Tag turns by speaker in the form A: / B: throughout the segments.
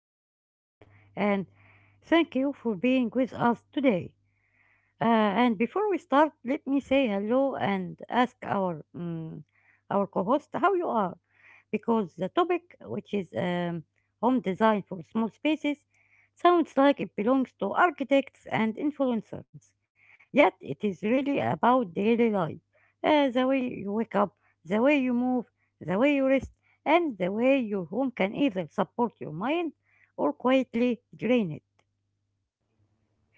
A: our episode. And thank you for being with us today. And before we start, let me say hello and ask our our co-host how you are, because the topic, which is home design for small spaces, sounds like it belongs to architects and influencers. Yet it is really about daily life, the way you wake up, the way you move, the way you rest, and the way your home can either support your mind or quietly drain it.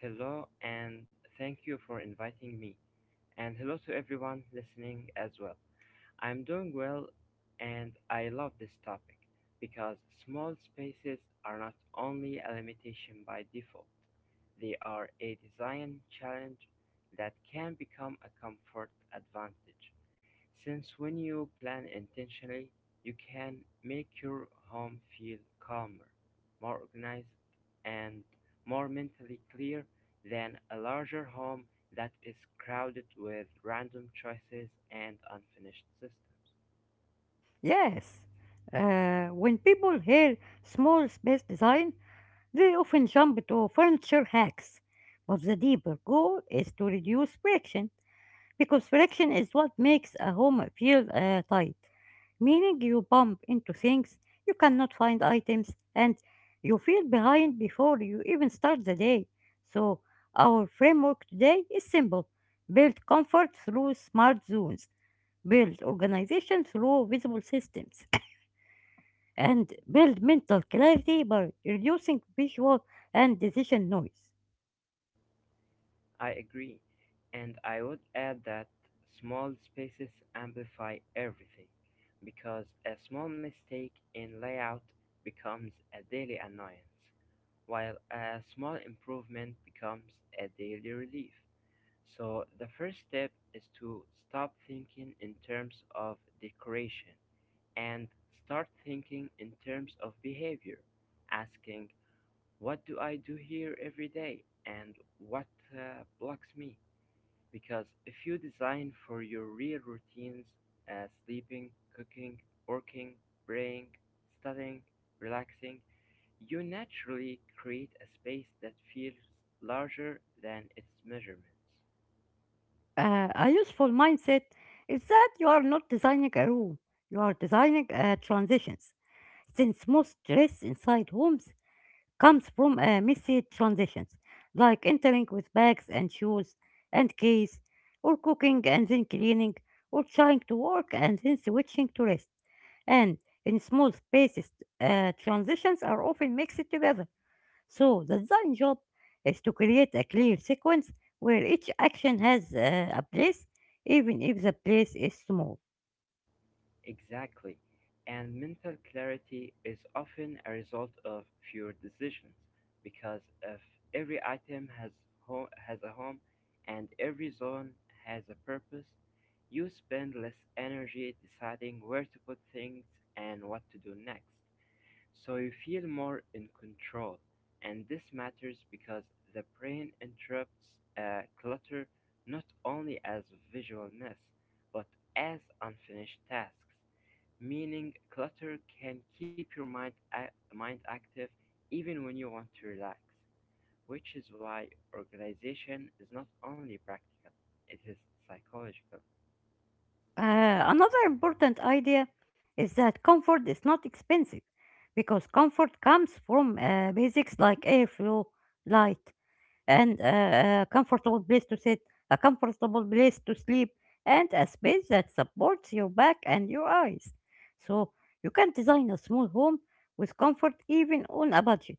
B: Hello, and thank you for inviting me. And hello to everyone listening as well. I'm doing well, and I love this topic because small spaces are not only a limitation by default, they are a design challenge that can become a comfort advantage. Since when you plan intentionally, you can make your home feel calmer, more organized, and more mentally clear than a larger home that is crowded with random choices and unfinished systems.
A: Yes, when people hear small space design, they often jump to furniture hacks. But the deeper goal is to reduce friction, because friction is what makes a home feel tight, meaning you bump into things, you cannot find items, and you feel behind before you even start the day. So, our framework today is simple build comfort through smart zones, build organization through visible systems and build mental clarity by reducing visual and decision noise.
B: I agree, and I would add that small spaces amplify everything because a small mistake in layout becomes a daily annoyance, while a small improvement becomes a daily relief. So, the first step is to stop thinking in terms of decoration and start thinking in terms of behavior, asking, "What do I do here every day? And what blocks me?" Because if you design for your real routines, sleeping, cooking, working, praying, studying, relaxing, you naturally create a space that feels larger than its measurements.
A: A useful mindset is that you are not designing a room, you are designing transitions, since most stress inside homes comes from messy transitions, like entering with bags and shoes and keys, or cooking and then cleaning, or trying to work and then switching to rest. And in small spaces, transitions are often mixed together. So the design job is to create a clear sequence where each action has a place, even if the place is small.
B: Exactly. And mental clarity is often a result of fewer decisions because if every item has a home and every zone has a purpose, you spend less energy deciding where to put things and what to do next. So you feel more in control, and this matters because the brain interprets clutter not only as visual mess, but as unfinished tasks. Meaning, clutter can keep your mind active even when you want to relax, which is why organization is not only practical, it is psychological.
A: Another important idea is that comfort is not expensive because comfort comes from basics like airflow, light, and a comfortable place to sit, a comfortable place to sleep, and a space that supports your back and your eyes. So you can design a small home with comfort even on a budget.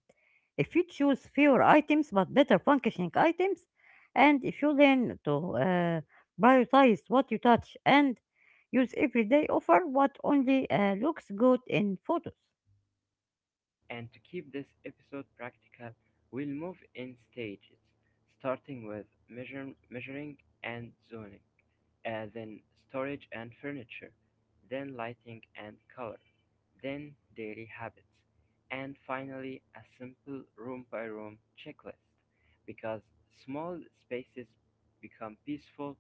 A: If you choose fewer items but better functioning items, and if you learn to prioritize what you touch and use everyday offer what only looks good in photos.
B: And to keep this episode practical, we'll move in stages, starting with measuring and zoning, then storage and furniture, then lighting and color, then daily habits, and finally a simple room by room checklist because small spaces become peaceful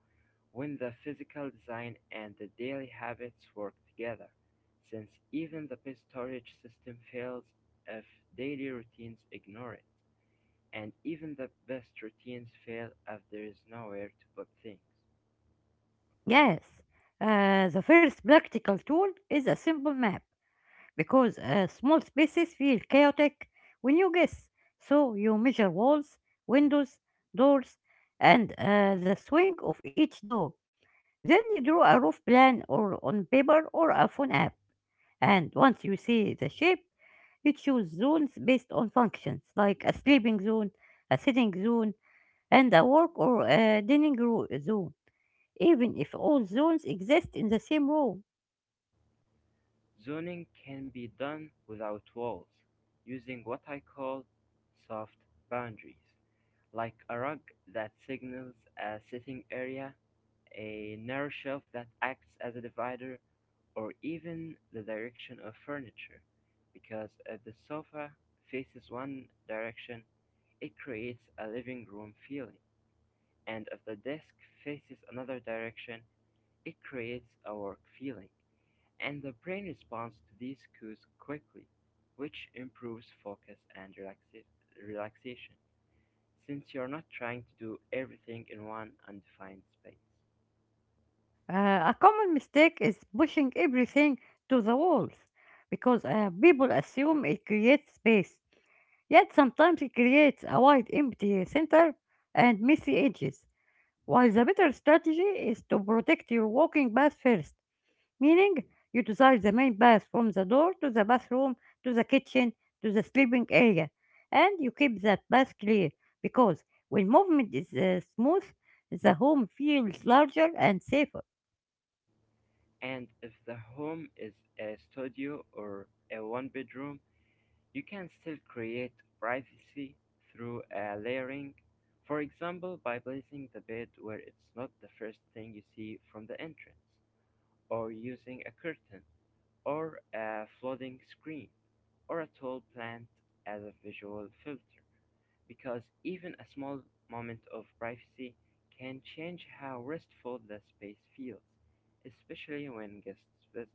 B: when the physical design and the daily habits work together, since even the best storage system fails if daily routines ignore it, and even the best routines fail if there is nowhere to put things.
A: Yes, the first practical tool is a simple map, because a small spaces feel chaotic when you guess. So you measure walls, windows, doors, and the swing of each door. Then you draw a roof plan or on paper or a phone app. And once you see the shape, you choose zones based on functions like a sleeping zone, a sitting zone, and a work or a zone, even if all zones exist in the same room.
B: Zoning can be done without walls, using what I call soft boundaries, like a rug that signals a sitting area, a narrow shelf that acts as a divider, or even the direction of furniture. Because if the sofa faces one direction, it creates a living room feeling, and if the desk faces another direction, it creates a work feeling. And the brain responds to these cues quickly, which improves focus and relaxation, since you're not trying to do everything in one undefined space.
A: Uh, a common mistake is pushing everything to the walls because people assume it creates space, yet sometimes it creates a wide empty center and messy edges. While the better strategy is to protect your walking path first, meaning you decide the main path from the door to the bathroom to the kitchen to the sleeping area, and you keep that path clear because when movement is smooth, the home feels larger and safer.
B: And if the home is a studio or a one bedroom, you can still create privacy through a layering. For example, by placing the bed where it's not the first thing you see from the entrance, or using a curtain or a flooding screen or a tall plant as a visual filter because even a small moment of privacy can change how restful the space feels, especially when guests visit.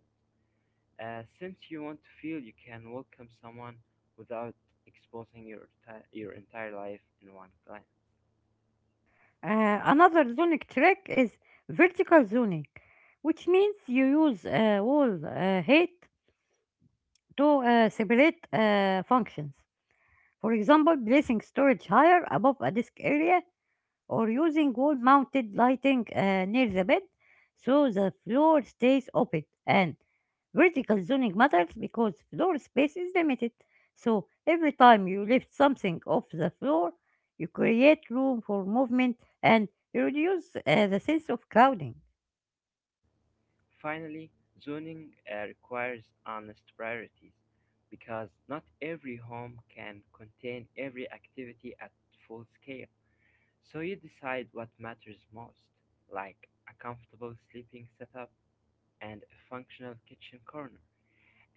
B: Since you want to feel you can welcome someone without exposing your entire life in one glance.
A: Another zonic trick is vertical zoning, which means you use wall height to separate functions. For example, placing storage higher above a disk area or using wall mounted lighting near the bed so the floor stays open. And vertical zoning matters because floor space is limited. So every time you lift something off the floor, you create room for movement and you reduce the sense of crowding.
B: Finally, zoning requires honest priorities because not every home can contain every activity at full scale. So you decide what matters most, like a comfortable sleeping setup and a functional kitchen corner.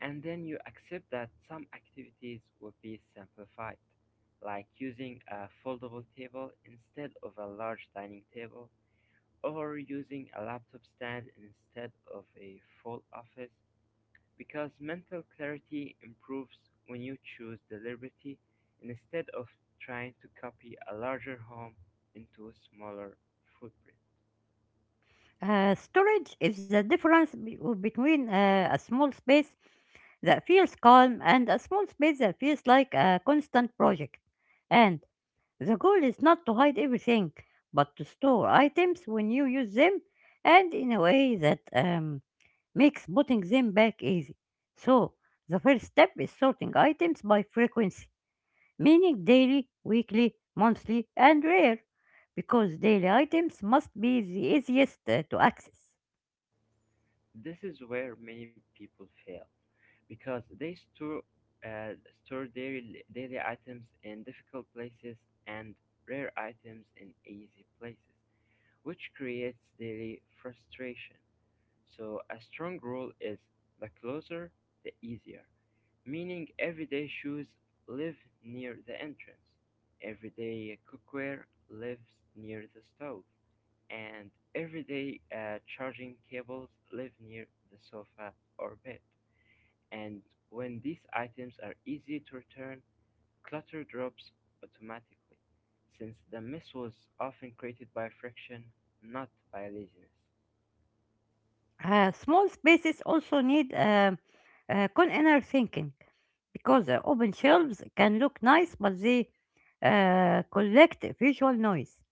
B: And then you accept that some activities will be simplified, like using a foldable table instead of a large dining table, or using a laptop stand instead of a full office because mental clarity improves when you choose deliberately instead of trying to copy a larger home into a smaller footprint.
A: Storage is the difference between a small space that feels calm and a small space that feels like a constant project. And the goal is not to hide everything, but to store items when you use them and in a way that makes putting them back easy. So, the first step is sorting items by frequency, meaning daily, weekly, monthly, and rare, because daily items must be the easiest to access.
B: This is where many people fail because they uh, store their daily items in difficult places and rare items in easy places, which creates daily frustration. So a strong rule is the closer, the easier. Meaning everyday shoes live near the entrance, everyday cookware lives near the stove, and everyday charging cables live near the sofa or bed. And when these items are easy to return, clutter drops automatically, since the mess was often created by friction, not by laziness.
A: Small spaces also need inner thinking, because open shelves can look nice, but they collect visual noise.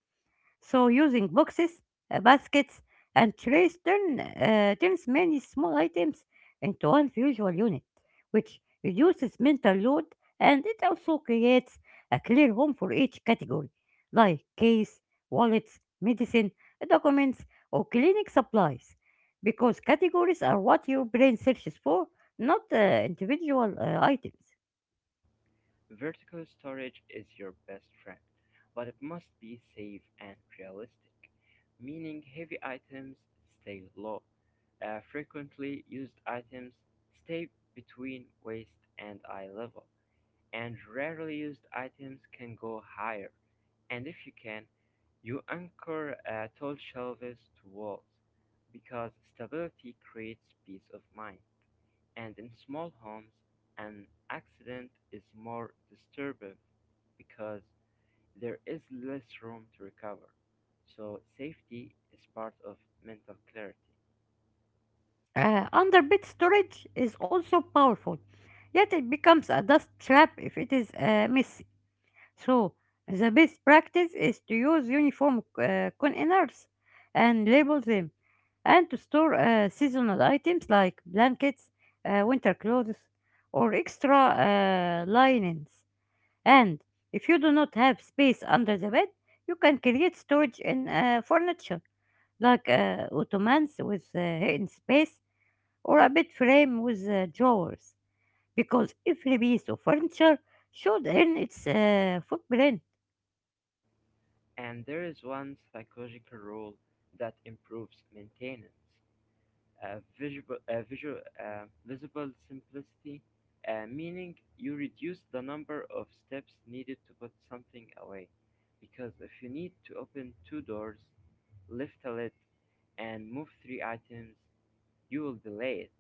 A: So using boxes, baskets, and trays turns many small items into one visual unit, which reduces mental load and it also creates a clear home for each category, like case, wallets, medicine, documents, or clinic supplies, because categories are what your brain searches for, not individual items.
B: Vertical storage is your best friend, but it must be safe and realistic, meaning heavy items stay low. Frequently used items stay between waist and eye level, and rarely used items can go higher. And if you can, you anchor tall shelves to walls because stability creates peace of mind. And in small homes, an accident is more disturbing because there is less room to recover. So, safety is part of mental clarity.
A: Underbed storage is also powerful, yet it becomes a dust trap if it is messy. So, the best practice is to use uniform containers and label them, and to store seasonal items like blankets, winter clothes, or extra linens. And if you do not have space under the bed, you can create storage in furniture like ottomans with hidden space or a bed frame with drawers because every piece of furniture should earn its footprint.
B: And there is one psychological rule that improves maintenance: visible simplicity, meaning you reduce the number of steps needed to put something away. Because if you need to open two doors, lift a lid, and move three items, you'll be late.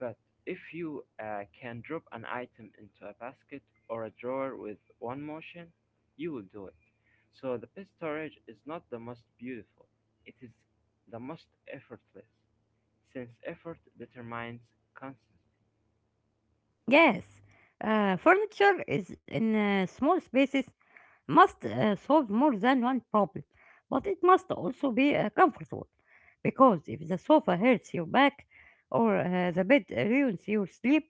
B: But if you can drop an item into a basket or a drawer with one motion, you will do it. So the best storage is not the most beautiful, it is the most effortless, since effort determines consistency.
A: Yes, furniture is in small spaces must solve more than one problem, but it must also be comfortable. Because if the sofa hurts your back or the bed ruins your sleep,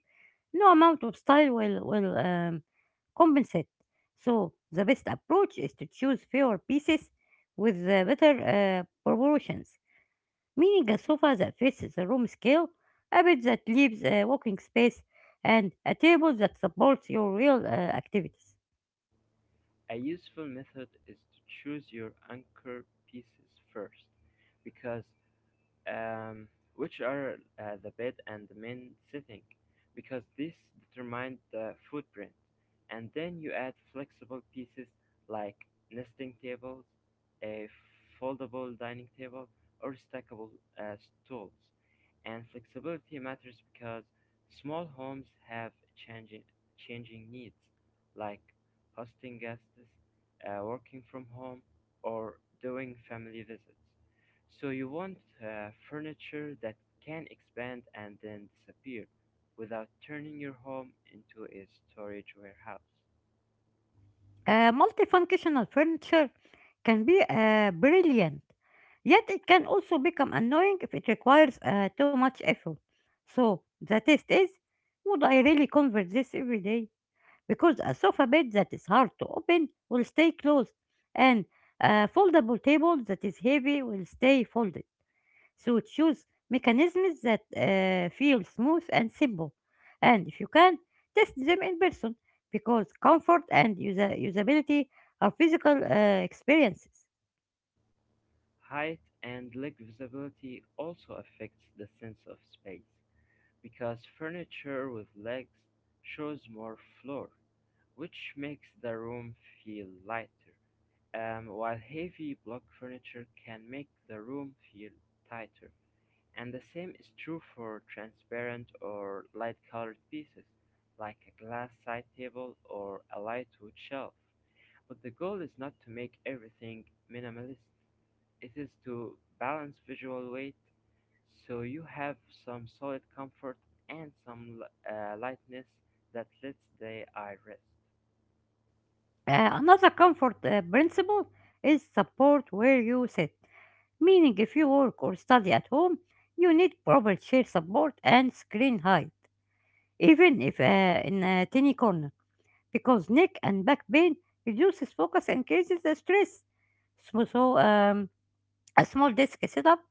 A: no amount of style will compensate. So, the best approach is to choose fewer pieces with better proportions, meaning a sofa that fits the room scale, a bed that leaves walking space, and a table that supports your real activities.
B: A useful method is to choose your anchor pieces first, because um, which are the bed and the main setting, because this determines the footprint. And then you add flexible pieces like nesting tables, a foldable dining table, or stackable uh, stools. And flexibility matters because small homes have changing, changing needs, like hosting guests, working from home, or doing family visits. So you want furniture that can expand and then disappear without turning your home into a storage warehouse.
A: Multifunctional furniture can be brilliant, yet it can also become annoying if it requires too much effort. So the test is, would I really convert this every day? Because a sofa bed that is hard to open will stay closed, and a foldable table that is heavy will stay folded. So choose mechanisms that feel smooth and simple. And if you can, test them in person because comfort and usability are physical experiences.
B: Height and leg visibility also affects the sense of space because furniture with legs shows more floor, which makes the room feel lighter. While heavy block furniture can make the room feel tighter. And the same is true for transparent or light-colored pieces, like a glass side table or a light wood shelf. But the goal is not to make everything minimalist. It is to balance visual weight so you have some solid comfort and some lightness that lets the eye rest.
A: Another comfort principle is support where you sit, meaning if you work or study at home, you need proper chair support and screen height, even if in a tiny corner, because neck and back pain reduces focus and increases the stress. So a small desk setup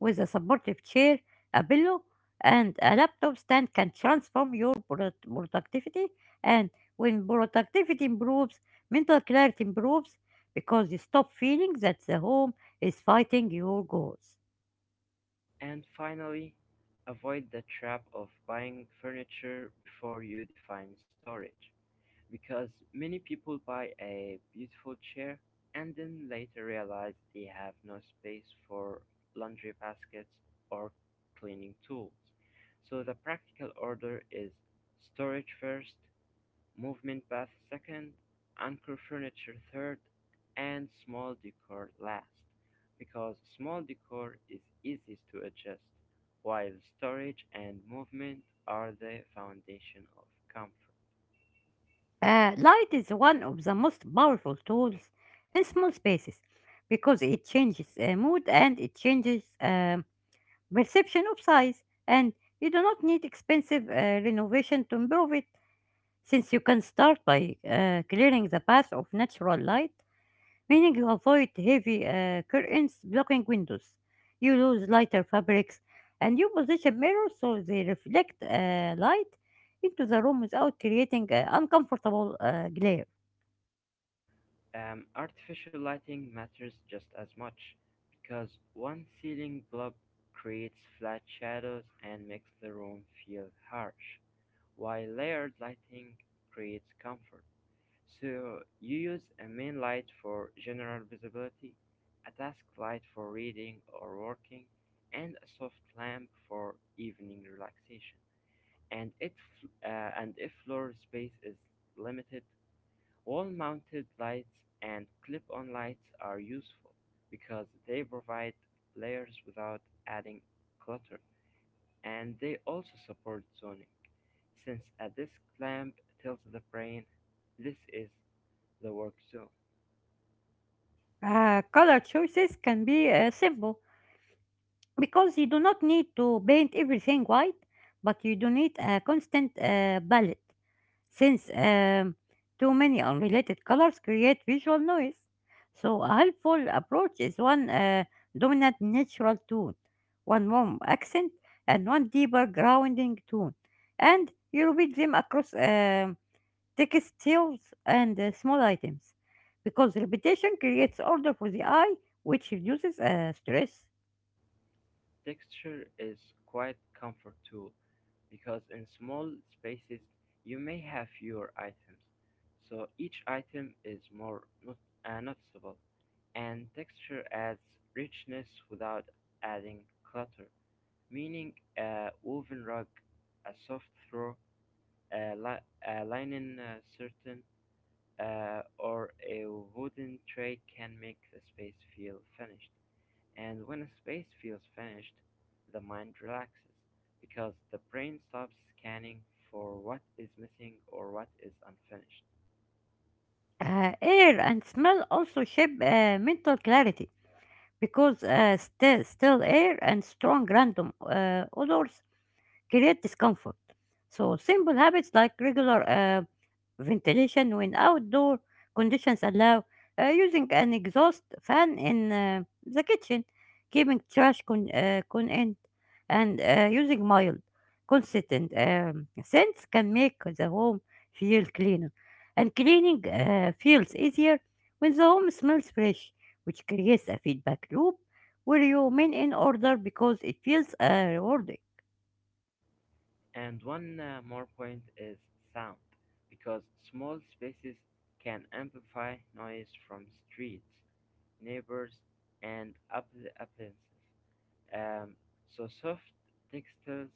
A: with a supportive chair, a pillow, and a laptop stand can transform your productivity. And when productivity improves, mental clarity improves because you stop feeling that the home is fighting your goals.
B: And finally, avoid the trap of buying furniture before you define storage, because many people buy a beautiful chair and then later realize they have no space for laundry baskets or cleaning tools. So the practical order is storage first, movement bath second, anchor furniture third, and small decor last. Because small decor is easiest to adjust, while storage and movement are the foundation of comfort.
A: Light is one of the most powerful tools in small spaces because it changes mood and it changes perception of size, and you do not need expensive renovation to improve it. Since you can start by clearing the path of natural light, meaning you avoid heavy curtains blocking windows, you use lighter fabrics, and you position mirrors so they reflect light into the room without creating uncomfortable glare.
B: Artificial lighting matters just as much because one ceiling blob creates flat shadows and makes the room feel harsh, while layered lighting creates comfort. So you use a main light for general visibility, a task light for reading or working, and a soft lamp for evening relaxation. And if floor space is limited, wall-mounted lights and clip-on lights are useful because they provide layers without adding clutter, and they also support zoning. Since a disk lamp tells the brain this is the work zone.
A: Color choices can be simple because you do not need to paint everything white, but you do need a constant palette. Since too many unrelated colors create visual noise, so a helpful approach is one dominant natural tone, one warm accent, and one deeper grounding tone, and you repeat them across textiles and small items, because repetition creates order for the eye, which reduces stress.
B: Texture is quite comfort tool because in small spaces you may have fewer items, so each item is more noticeable. And texture adds richness without adding clutter, meaning a woven rug, a soft throw, a, a linen curtain, or a wooden tray can make the space feel finished. And when a space feels finished, the mind relaxes because the brain stops scanning for what is missing or what is unfinished.
A: Air and smell also shape mental clarity because still air and strong random odors create discomfort. So simple habits like regular ventilation when outdoor conditions allow, using an exhaust fan in the kitchen, keeping trash contained, and using mild, consistent scents can make the home feel cleaner. And cleaning feels easier when the home smells fresh, which creates a feedback loop where you remain in order because it feels rewarding.
B: And one more point is sound, because small spaces can amplify noise from streets, neighbors, and appliances. Um, so soft textiles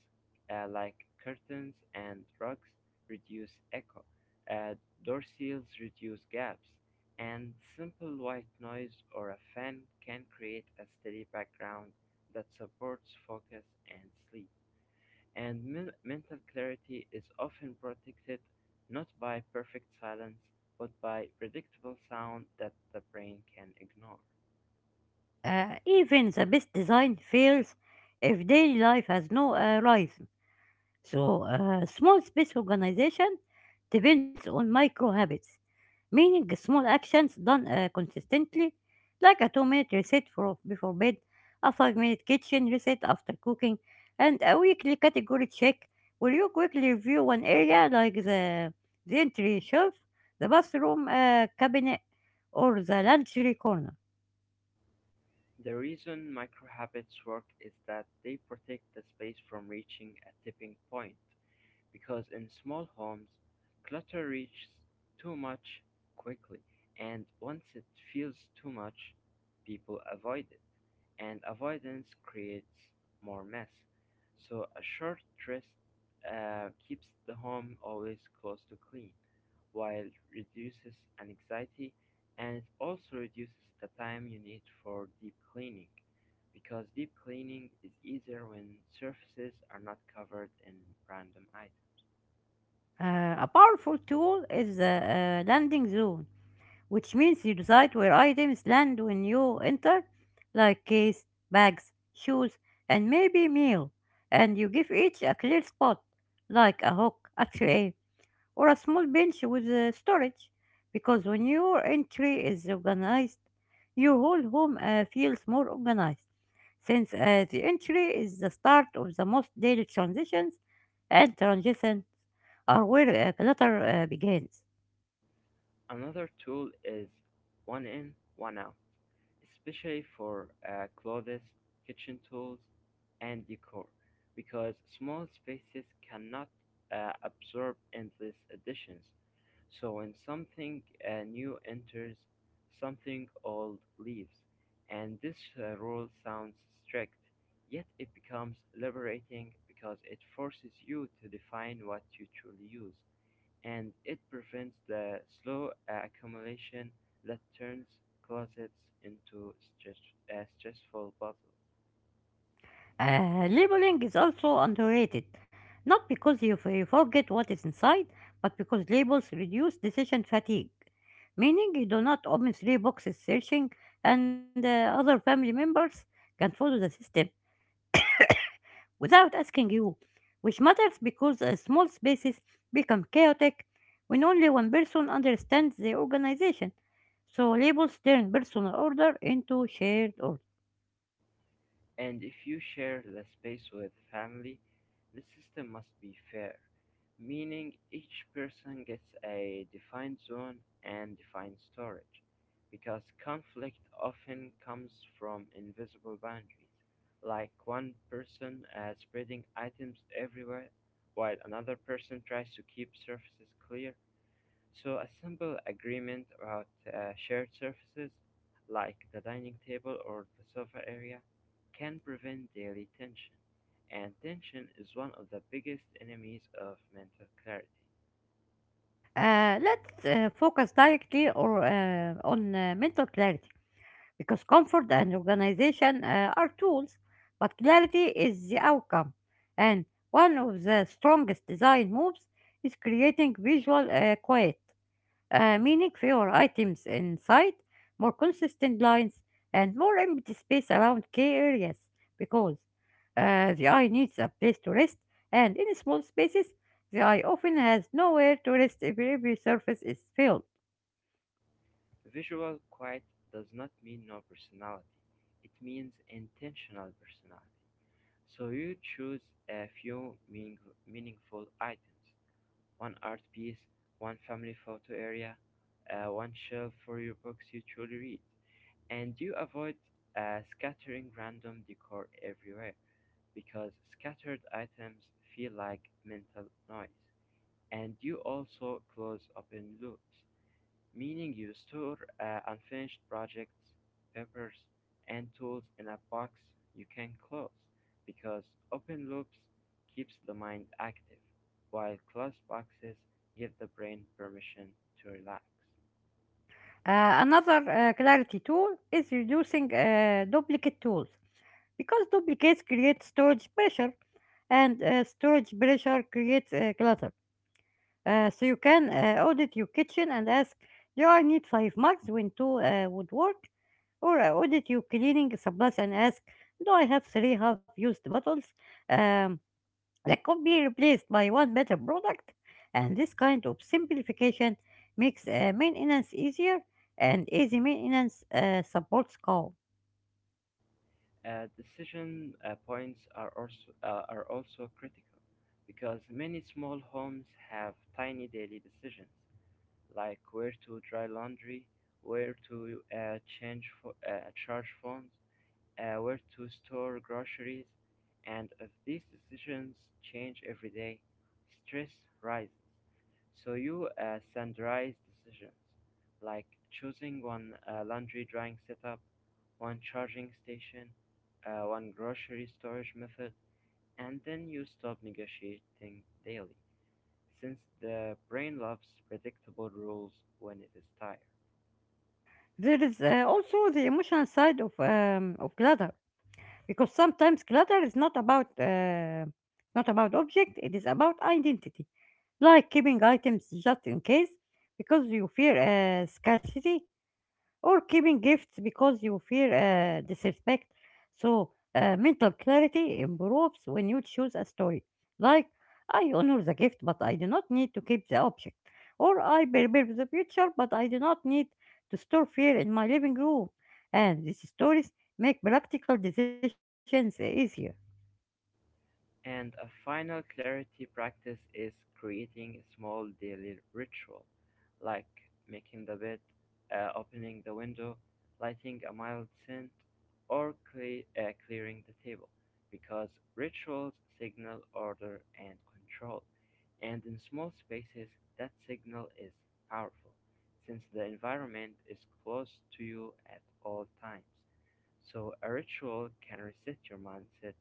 B: like curtains and rugs reduce echo, uh, door seals reduce gaps, and simple white noise or a fan can create a steady background that supports focus and sleep, and mental clarity is often protected not by perfect silence but by predictable sound that the brain can ignore.
A: Even the best design fails if daily life has no rhythm. So, small space organization depends on micro habits, meaning small actions done consistently, like a 2 minute reset before bed, a 5 minute kitchen reset after cooking, and a weekly category check where you quickly review one area like the entry shelf, the bathroom cabinet, or the laundry corner.
B: The reason microhabits work is that they protect the space from reaching a tipping point because in small homes, clutter reaches too much quickly, and once it feels too much, people avoid it. And avoidance creates more mess. So a short rest keeps the home always close to clean, while reduces anxiety, and it also reduces the time you need for deep cleaning, because deep cleaning is easier when surfaces are not covered in random items.
A: A powerful tool is the landing zone, which means you decide where items land when you enter, like keys, bags, shoes, and maybe meal, and you give each a clear spot, like a hook, a tray, or a small bench with storage, because when your entry is organized, your whole home feels more organized, since the entry is the start of the most daily transitions and transition are where clutter begins.
B: Another tool is one in, one out, especially for clothes, kitchen tools, and decor, because small spaces cannot absorb endless additions. So when something new enters, something old leaves. And this rule sounds strict, yet it becomes liberating because it forces you to define what you truly use and it prevents the slow accumulation that turns closets into stress, a stressful puzzle.
A: Labeling is also underrated, not because you forget what is inside, but because labels reduce decision fatigue, meaning you do not open three boxes searching, and other family members can follow the system without asking you, which matters because small spaces become chaotic when only one person understands the organization. So labels turn personal order into shared order.
B: And if you share the space with family, the system must be fair, meaning each person gets a defined zone and defined storage, because conflict often comes from invisible boundaries, like one person spreading items everywhere while another person tries to keep surfaces clear. So a simple agreement about shared surfaces, like the dining table or the sofa area, can prevent daily tension. And tension is one of the biggest enemies of mental clarity.
A: Let's focus directly or on mental clarity because comfort and organization are tools, but clarity is the outcome. And one of the strongest design moves is creating visual quiet, meaning fewer items inside, more consistent lines, and more empty space around key areas because the eye needs a place to rest, and in small spaces, the eye often has nowhere to rest if every surface is filled.
B: Visual quiet does not mean no personality, it means intentional personality. So you choose a few meaningful items: one art piece, one family photo area, one shelf for your books you truly read. And you avoid scattering random decor everywhere because scattered items feel like mental noise. And you also close open loops, meaning you store unfinished projects, papers, and tools in a box you can close, because open loops keeps the mind active, while closed boxes give the brain permission to relax.
A: Another clarity tool is reducing duplicate tools because duplicates create storage pressure, and storage pressure creates clutter. So you can audit your kitchen and ask, do I need five mugs when two would work? Or audit your cleaning supplies and ask, do I have three half-used bottles um, that could be replaced by one better product? And this kind of simplification makes maintenance easier, and easy maintenance supports calm.
B: Decision points are also critical, because many small homes have tiny daily decisions like where to dry laundry, where to charge phones, where to store groceries, and if these decisions change every day, stress rises. So you standardize decisions, like choosing one laundry drying setup, one charging station, one grocery storage method, and then you stop negotiating daily, since the brain loves predictable rules when it is tired.
A: There is also the emotional side of clutter, because sometimes clutter is not about not about object, it is about identity. Like keeping items just in case because you fear scarcity, or keeping gifts because you fear disrespect. So mental clarity improves when you choose a story. Like, I honor the gift but I do not need to keep the object. Or I prepare for the future but I do not need to store fear in my living room. And these stories make practical decisions easier.
B: And a final clarity practice is creating a small daily ritual, like making the bed, opening the window, lighting a mild scent, or clearing the table, because rituals signal order and control. And in small spaces, that signal is powerful, since the environment is close to you at all times. So a ritual can reset your mindset,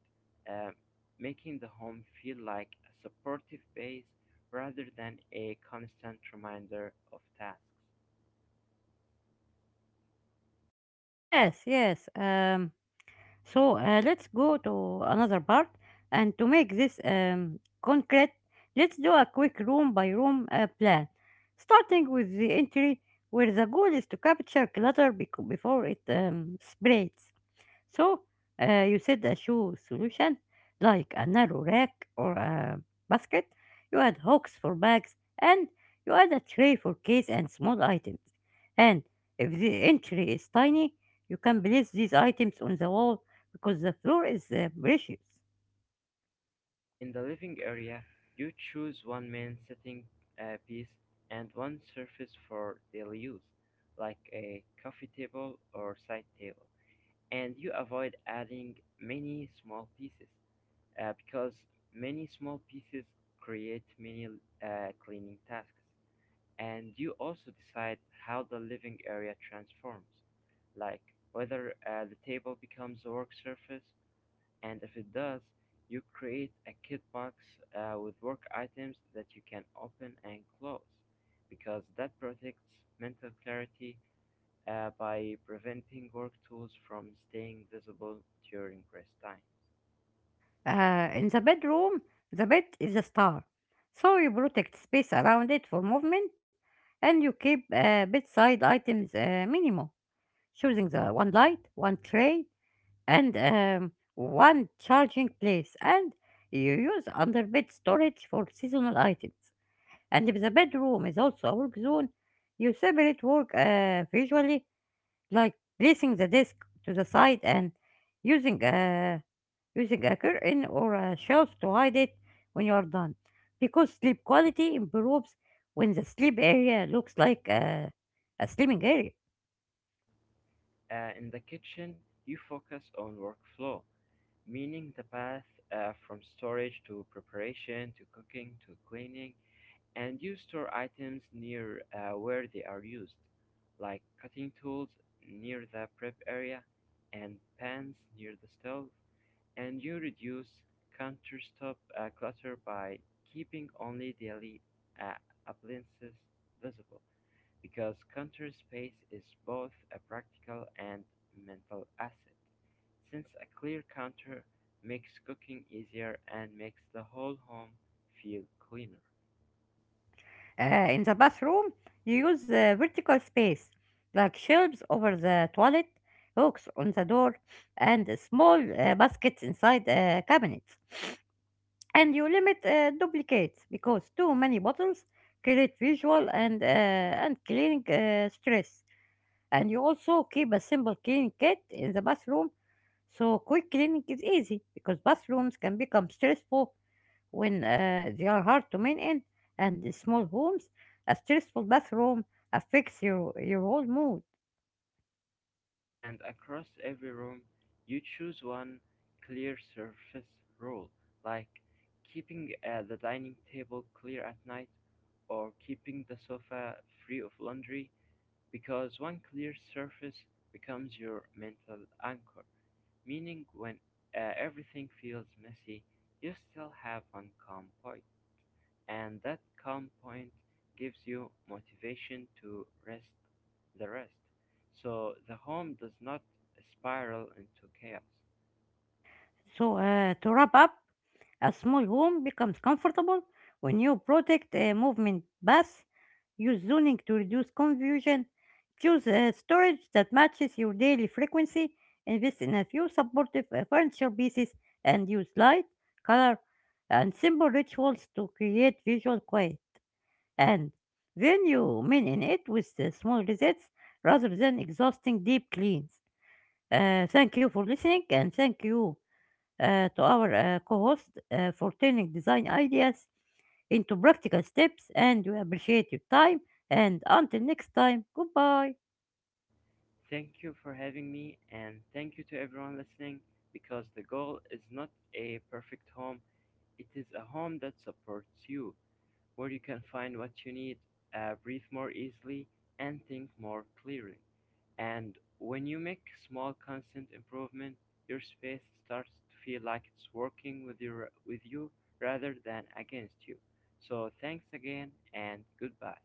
B: uh, making the home feel like a supportive base rather than a constant reminder of tasks.
A: Yes, yes. So let's go to another part. And to make this concrete, let's do a quick room by room plan, starting with the entry, where the goal is to capture clutter before it spreads. So you set a shoe solution like a narrow rack or a basket. You add hooks for bags, and you add a tray for case and small items. And if the entry is tiny, you can place these items on the wall because the floor is precious.
B: In the living area, you choose one main setting piece and one surface for daily use, like a coffee table or side table, and you avoid adding many small pieces because many small pieces create many cleaning tasks. And you also decide how the living area transforms, like whether the table becomes a work surface, and if it does, you create a kit box with work items that you can open and close, because that protects mental clarity by preventing work tools from staying visible during rest times.
A: In the bedroom, the bed is a star. So you protect space around it for movement, and you keep bedside items minimal, choosing the one light, one tray, and one charging place, and you use under bed storage for seasonal items. And if the bedroom is also a work zone, you separate work visually, like placing the desk to the side and using a using a curtain or a shelf to hide it when you are done, because sleep quality improves when the sleep area looks like a sleeping area.
B: In the kitchen, you focus on workflow, meaning the path from storage to preparation to cooking to cleaning, and you store items near where they are used, like cutting tools near the prep area and pans near the stove, and you reduce countertop clutter by keeping only daily uh, appliances visible. Because counter space is both a practical and mental asset, since a clear counter makes cooking easier and makes the whole home feel cleaner.
A: In the bathroom, you use vertical space, like shelves over the toilet, hooks on the door, and small baskets inside cabinets. And you limit duplicates because too many bottles create visual and cleaning stress. And you also keep a simple cleaning kit in the bathroom, so quick cleaning is easy, because bathrooms can become stressful when they are hard to maintain, and small homes, a stressful bathroom affects your whole mood.
B: And across every room, you choose one clear surface rule, like keeping the dining table clear at night or keeping the sofa free of laundry, because one clear surface becomes your mental anchor. Meaning when everything feels messy, you still have one calm point, and that calm point gives you motivation to rest the rest. So the home does not spiral into chaos.
A: So, to wrap up, a small home becomes comfortable when you protect a movement path, use zoning to reduce confusion, choose a storage that matches your daily frequency, invest in a few supportive furniture pieces, and use light, color, and simple rituals to create visual quiet, and then you in it with the small resets rather than exhausting deep cleans. Thank you for listening, and thank you to our co-host for turning design ideas into practical steps, and we appreciate your time, and until next time, goodbye.
B: Thank you for having me, and thank you to everyone listening, because the goal is not a perfect home, it is a home that supports you, where you can find what you need, breathe more easily, and think more clearly. And when you make small constant improvement, your space starts to feel like it's working with your with you rather than against you. So thanks again, and goodbye.